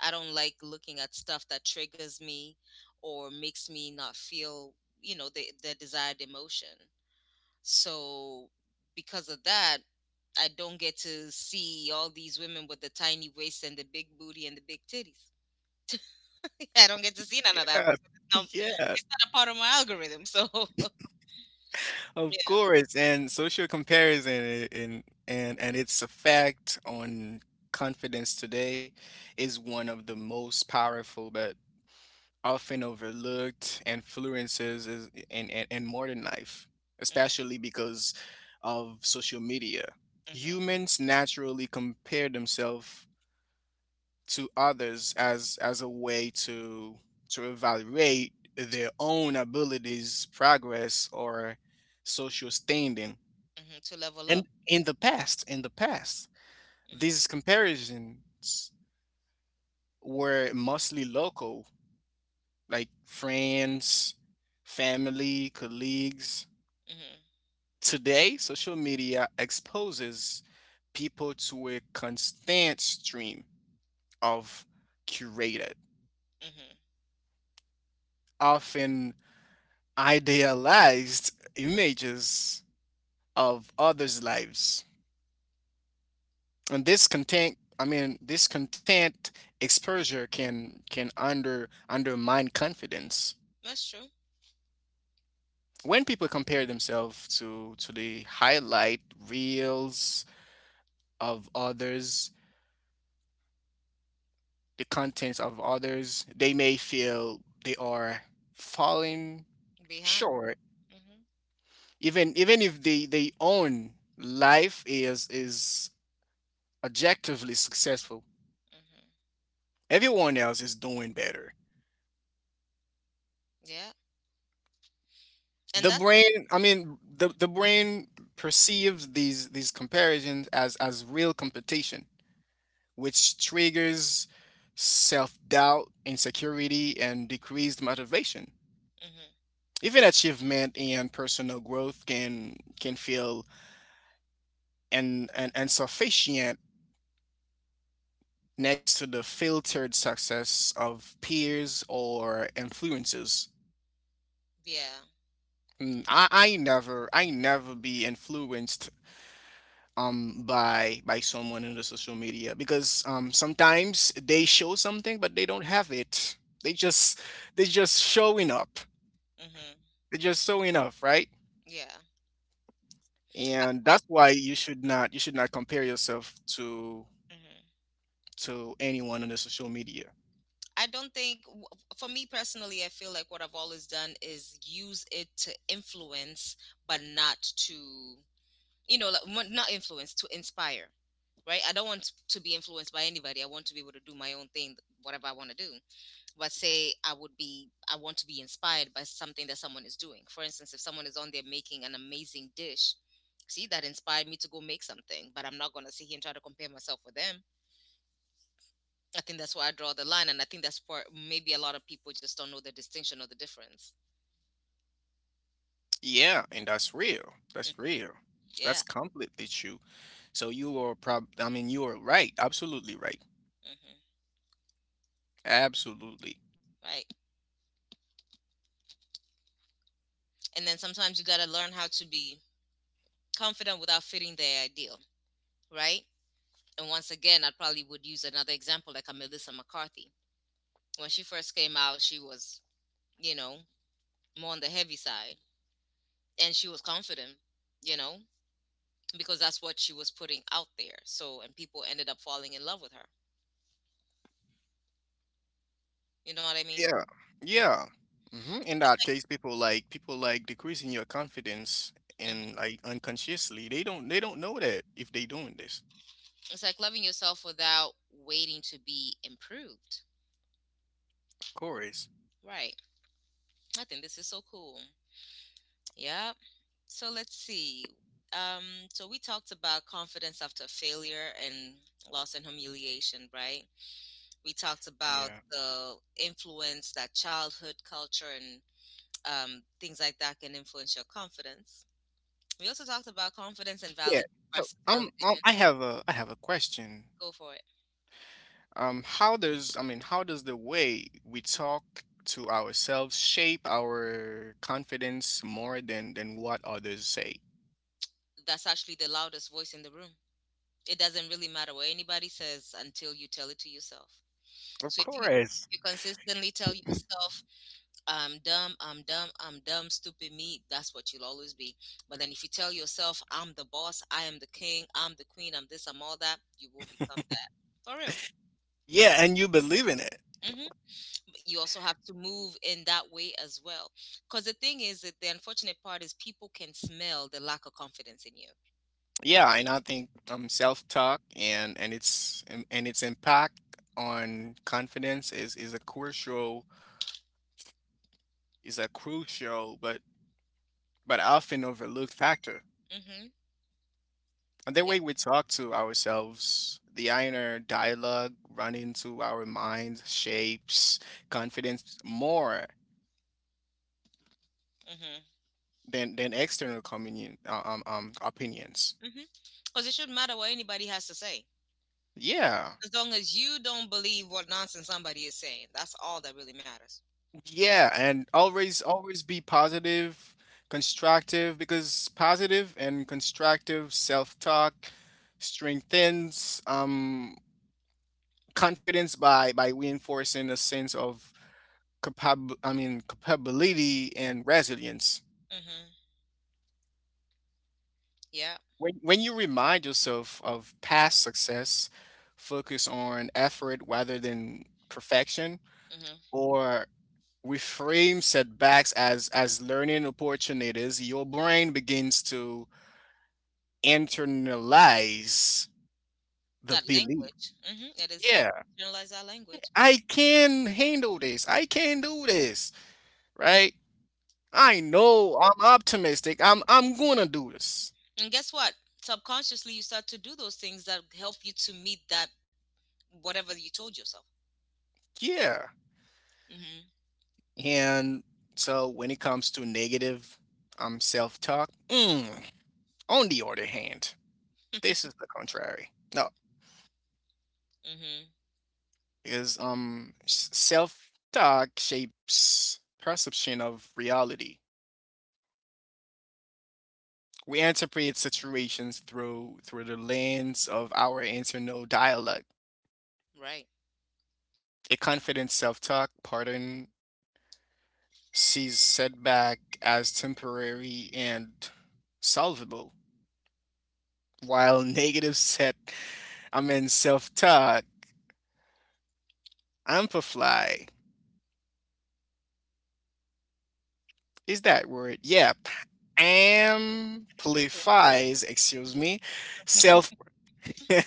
A: I don't like looking at stuff that triggers me or makes me not feel, the desired emotion. So because of that, I don't get to see all these women with the tiny waist and the big booty and the big titties. I don't get to see none of that
B: Yeah,
A: because it's not,
B: yeah,
A: it's not a part of my algorithm. So
B: of
A: yeah.
B: course. And social comparison and its effect on confidence today is one of the most powerful, but often overlooked and influences is, in and modern life,
A: Hmm.
B: especially because of social media.
A: Hmm.
B: Humans naturally compare themselves to others as a way to evaluate their own abilities, progress, or social standing.
A: To level
B: And
A: up.
B: in the past, these
A: Hmm.
B: comparisons were mostly local like friends, family, colleagues.
A: Hmm.
B: Today, social media exposes people to a constant stream of curated,
A: Hmm.
B: often idealized images of others' lives. And this content exposure can undermine confidence.
A: That's true.
B: When people compare themselves to the highlight reels, of others, the contents of others, they may feel they are falling
A: Behind.
B: short.
A: Hmm.
B: Even even if they they own life is objectively successful,
A: Hmm.
B: everyone else is doing better.
A: Yeah, and
B: The
A: that's.
B: brain, I mean, the the brain perceives these comparisons as real competition, which triggers self doubt, insecurity, and decreased motivation.
A: Mm-hmm.
B: Even achievement and personal growth can feel an insufficient next to the filtered success of peers or influences.
A: Yeah.
B: Mm, I never be influenced by someone in the social media because sometimes they show something but they don't have it. They just showing up.
A: Mm-hmm.
B: They just showing up, right?
A: Yeah.
B: And
A: Well,
B: that's
A: for
B: why
A: me,
B: you should not compare yourself to
A: hmm
B: anyone on the social media.
A: I don't think, for me personally, I feel like what I've always done is use it to influence, but not to, like, not influence, to inspire, right? I don't want to be influenced by anybody. I want to be able to do my own thing, whatever I want to do. But say I want to be inspired by something that someone is doing. For instance, if someone is on there making an amazing dish, see, that inspired me to go make something, but I'm not going to sit here and try to compare myself with them. I think that's where I draw the line. And I think that's where maybe a lot of people just don't know the distinction or the difference.
B: Yeah, and that's real.
A: Mm,
B: That's real. That's
A: yeah.
B: completely true. So you are prob, I mean, you are right. Absolutely right.
A: Hmm.
B: Absolutely.
A: Right. And then sometimes you got to learn how to be confident without fitting their ideal. Right. And once again, I probably would use another example like a Melissa McCarthy. When she first came out, she was, you know, more on the heavy side. And she was confident, you know, because that's what she was putting out there. So, and people ended up falling in love with her. You know what I mean?
B: Yeah.
A: Mm.
B: Yeah. Hmm. In that case, people like decreasing your confidence
A: It's,
B: and like unconsciously. They don't know that if they doing this.
A: it's like loving yourself without waiting to be improved.
B: Of course.
A: Right. I think this is so cool. Yeah. So let's see. Um, so we talked about confidence after failure and loss and humiliation, right? We talked about
B: Yeah.
A: the influence that childhood culture and things like that can influence your confidence. We also talked about confidence and
B: Yeah.
A: valid
B: So
A: versus validation.
B: I have a question.
A: Go for it.
B: How does the way we talk to ourselves shape our confidence more than what others say?
A: That's actually the loudest voice in the room. It doesn't really matter what anybody says until you tell it to yourself.
B: Of
A: So if you
B: course.
A: you consistently tell yourself, "I'm dumb, I'm dumb, I'm dumb, stupid me," that's what you'll always be. But then if you tell yourself, "I'm the boss, I am the king, I'm the queen, I'm this, I'm all that," you will become that for real.
B: Yeah, and you believe in it.
A: Hmm. You also have to move in that way as well, because the thing is that the unfortunate part is people can smell the lack of confidence in you.
B: Yeah, and I think self-talk and and its impact on confidence is a crucial is a crucial but but often overlooked factor.
A: Hmm.
B: And the
A: Yeah.
B: way we talk to ourselves, the inner dialogue running through our minds shapes confidence more
A: Mm-hmm.
B: than external communion opinions.
A: Mm-hmm. Because it shouldn't matter what anybody has to say,
B: Yeah.
A: as long as you don't believe what nonsense somebody is saying, that's all that really matters.
B: Yeah, and always be positive, constructive because positive and constructive self-talk strengthens confidence by reinforcing a sense of capability and resilience.
A: Hmm. Yeah.
B: When you remind yourself of past success, focus on effort rather than perfection,
A: Hmm.
B: or reframe setbacks as learning opportunities, your brain begins to internalize the
A: That
B: belief.
A: language. Hmm. It is that.
B: Yeah,
A: Generalize that language.
B: I can handle this. I can do this, right? I know I'm optimistic. I'm gonna do this.
A: And guess what, subconsciously you start to do those things that help you to meet that, whatever you told yourself.
B: Yeah.
A: Hmm.
B: And so when it comes to negative self talk, on the other hand, this is the contrary. No,
A: Hmm.
B: because self talk shapes perception of reality. We interpret situations through the lens of our internal dialogue.
A: Right.
B: A confident self talk pattern sees setback as temporary and solvable, while negative set I mean self talk amplify. Is that word? Yeah. Amplifies, excuse me, self.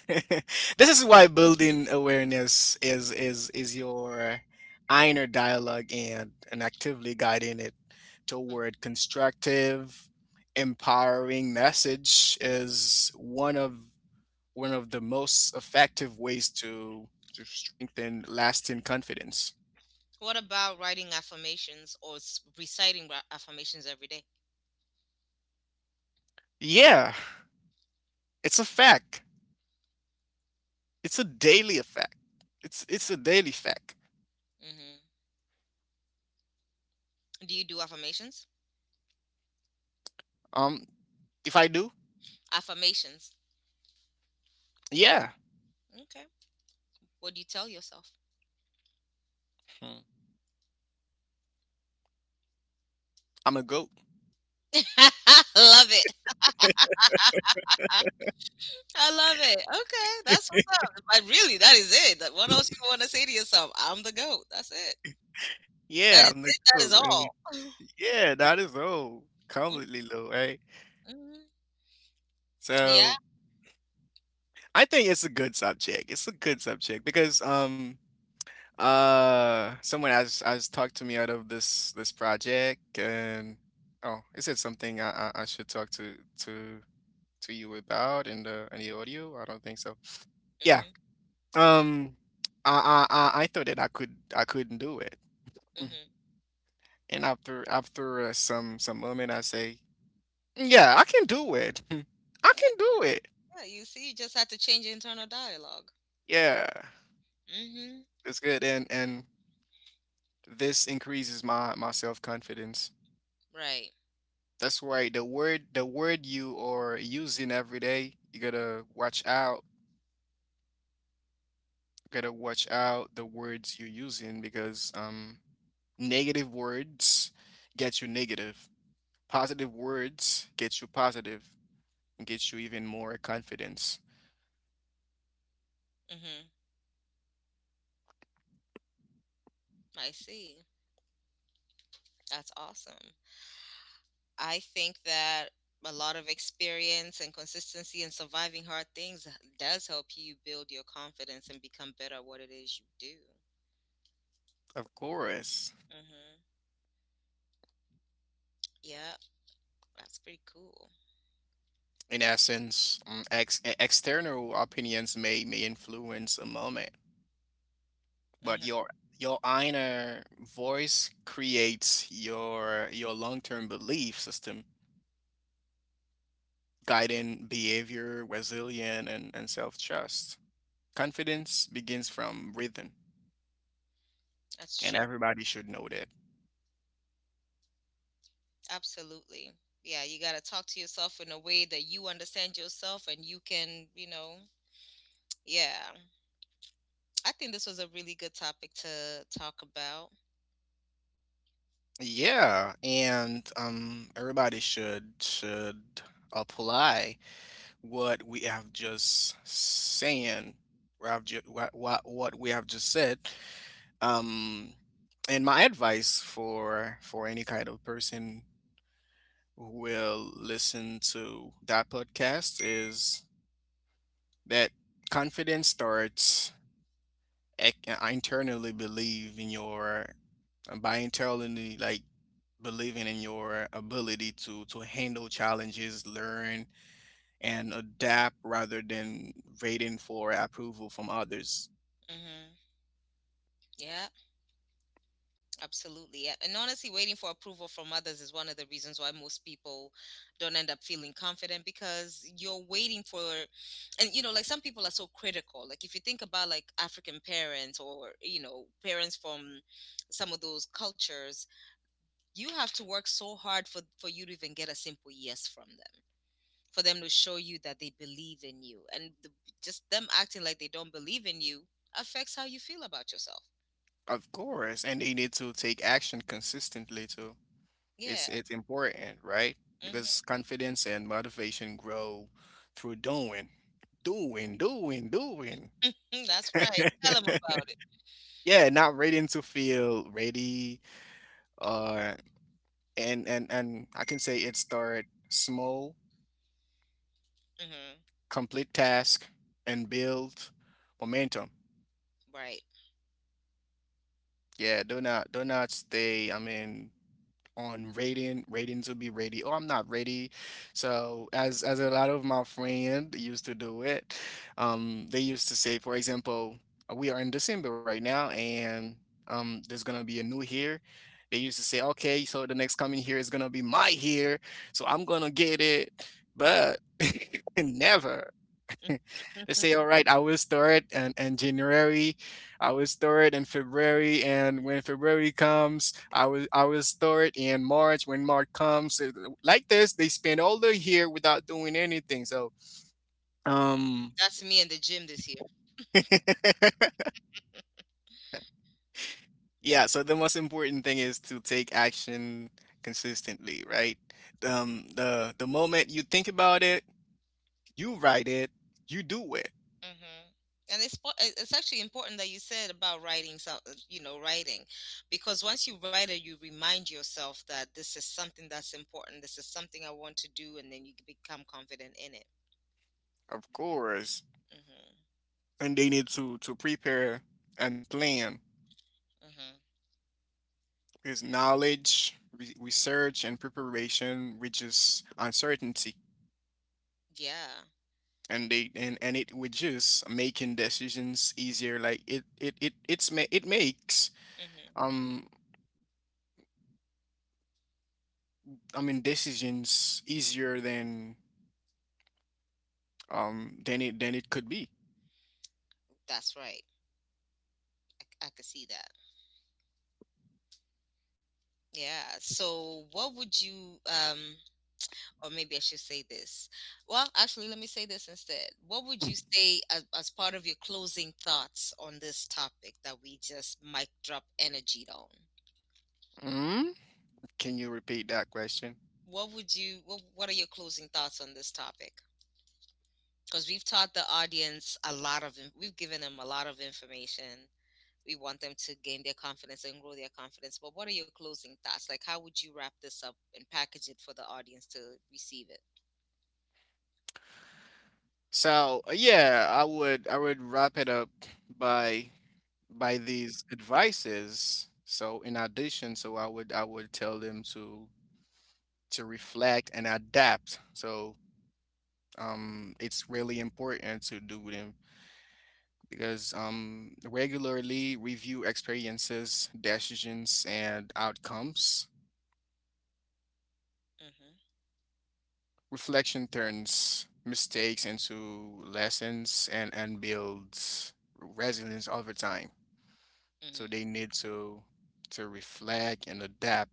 B: This is why building awareness is your inner dialogue and actively guiding it toward constructive, empowering message is one of the most effective ways to strengthen lasting confidence.
A: What about writing affirmations or reciting affirmations every day?
B: Yeah, it's a fact. It's a daily effect. It's a daily fact.
A: Mm-hmm. Do you do affirmations?
B: Um, if I do,
A: Affirmations.
B: yeah,
A: Okay. What do you tell yourself?
B: hmm, I'm a goat.
A: I love it. I, I love it. Okay, that's what's up. But really, that is it. What else you want to say to yourself? I'm the goat. That's it. That
B: Yeah,
A: is
B: I'm the
A: it. That
B: goat.
A: is
B: Right?
A: all.
B: Yeah, that is old, completely low, right?
A: Mm-hmm. Yeah.
B: So I think it's a good subject. It's a good subject because someone has talked to me out of this project, and oh, is it something I should talk to you about in the audio? I don't think so. Yeah.
A: Mm-hmm.
B: Um, I thought that I couldn't do it. Mhm.
A: Mm-hmm.
B: And after some moment, I say, "Yeah, I can do it. I
A: Yeah.
B: can do it.
A: Yeah. You see, you just had to change your internal dialogue.
B: Yeah,
A: Mm-hmm.
B: it's good." And this increases my my self-confidence.
A: Right.
B: That's why the word you are using every day, you gotta watch out. Gotta watch out the words you're using because negative words get you negative. Positive words get you positive. And gives you even more confidence.
A: Mm-hmm. I see. That's awesome. I think that a lot of experience and consistency and surviving hard things does help you build your confidence and become better at what it is you do.
B: Of course.
A: Mm-hmm. Yeah, that's pretty cool.
B: In essence, external opinions may influence a moment, but
A: Mm-hmm.
B: your inner voice creates your long-term belief system, guiding behavior, resilience, and self-trust. Confidence begins from within,
A: That's
B: and
A: true.
B: everybody should know that.
A: Absolutely. Yeah, you got to talk to yourself in a way that you understand yourself and you can, you know, yeah. I think this was a really good topic to talk about.
B: Yeah, and everybody should apply what we have just saying, what I've ju- what we have just said. Um, and my advice for any kind of person who will listen to that podcast is that confidence starts ec- I internally believe in your by internally like believing in your ability to handle challenges, learn and adapt rather than waiting for approval from others.
A: Mm-hmm. Yeah. Absolutely. And honestly, waiting for approval from others is one of the reasons why most people don't end up feeling confident because you're waiting for, and like some people are so critical. Like if you think about like African parents or, parents from some of those cultures, you have to work so hard for, you to even get a simple yes from them, for them to show you that they believe in you. And the, just them acting like they don't believe in you affects how you feel about yourself.
B: Of course, and they need to take action consistently too. It's
A: Yeah.
B: it's important, right? Because
A: Hmm.
B: confidence and motivation grow through doing.
A: That's right. Tell them about it.
B: Yeah, not waiting to feel ready. Uh, and I can say it start small,
A: Mhm.
B: complete task and build momentum.
A: Right.
B: Yeah, do not stay, I mean on rating to be ready, oh I'm not ready. So as a lot of my friend used to do it, they used to say, for example, we are in december right now, and there's gonna be a new year. They used to say, okay, so the next coming year is gonna be my year, so I'm gonna get it. But never. They
A: Mhm.
B: say, all right, I will store it in January, I will store it in February, and when February comes, I will store it in March. When March comes, like this, they spend all the year without doing anything. So, um,
A: That's me in the gym this year.
B: yeah. So the most important thing is to take action consistently, right? The moment you think about it, you write it, you do it.
A: Mhm. And it's actually important that you said about writing so you know, writing, because once you write it, you remind yourself that this is something that's important. This is something I want to do, and then you can become confident in it.
B: Of course.
A: Mm-hmm.
B: And they need to prepare and plan
A: Mm-hmm.
B: because knowledge, re research, and preparation reduce uncertainty,
A: Yeah.
B: and they and it reduce making decisions easier. Like it it's ma it makes
A: Mm-hmm.
B: um I mean decisions easier than it could be.
A: That's right. I could see that. Yeah. So, what would you or maybe I should say this. Well, actually, let me say this instead. What would you say as, part of your closing thoughts on this topic that we just mic drop energied on?
B: Mm? Can you repeat that question?
A: What would you? What are your closing thoughts on this topic? Because we've taught the audience a lot of, we've given them a lot of information. We want them to gain their confidence and grow their confidence. But what are your closing thoughts? Like, how would you wrap this up and package it for the audience to receive it?
B: So, yeah, I would wrap it up by by these advices. So in addition, so I would tell them to reflect and adapt. So it's really important to do them because regularly review experiences, decisions and outcomes.
A: Mhm.
B: Reflection turns mistakes into lessons and builds resilience over time. So
A: Mhm.
B: they need to reflect and adapt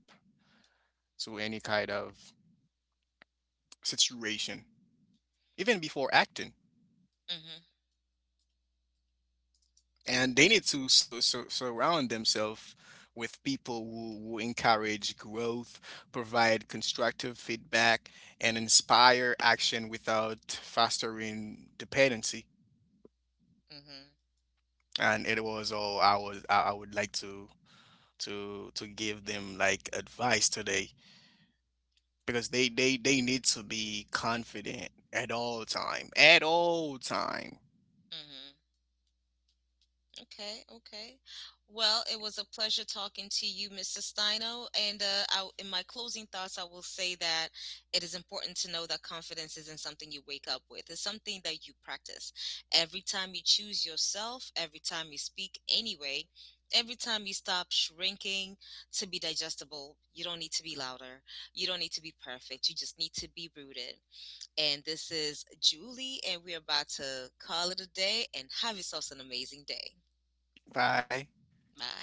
B: to any kind of situation, even before acting.
A: Mhm.
B: And they need to surround themselves with people who encourage growth, provide constructive feedback, and inspire action without fostering dependency.
A: Mhm.
B: And it was all I was I would like to give them like advice today because they need to be confident at all time.
A: Mhm. Okay, okay. Well, it was a pleasure talking to you, Mr. Steino. And I, in my closing thoughts, I will say that it is important to know that confidence isn't something you wake up with, it's something that you practice. Every time you choose yourself, every time you speak anyway, every time you stop shrinking to be digestible, you don't need to be louder. You don't need to be perfect. You just need to be rooted. And this is Julie, and we're about to call it a day and have yourselves an amazing day.
B: Bye.
A: Bye.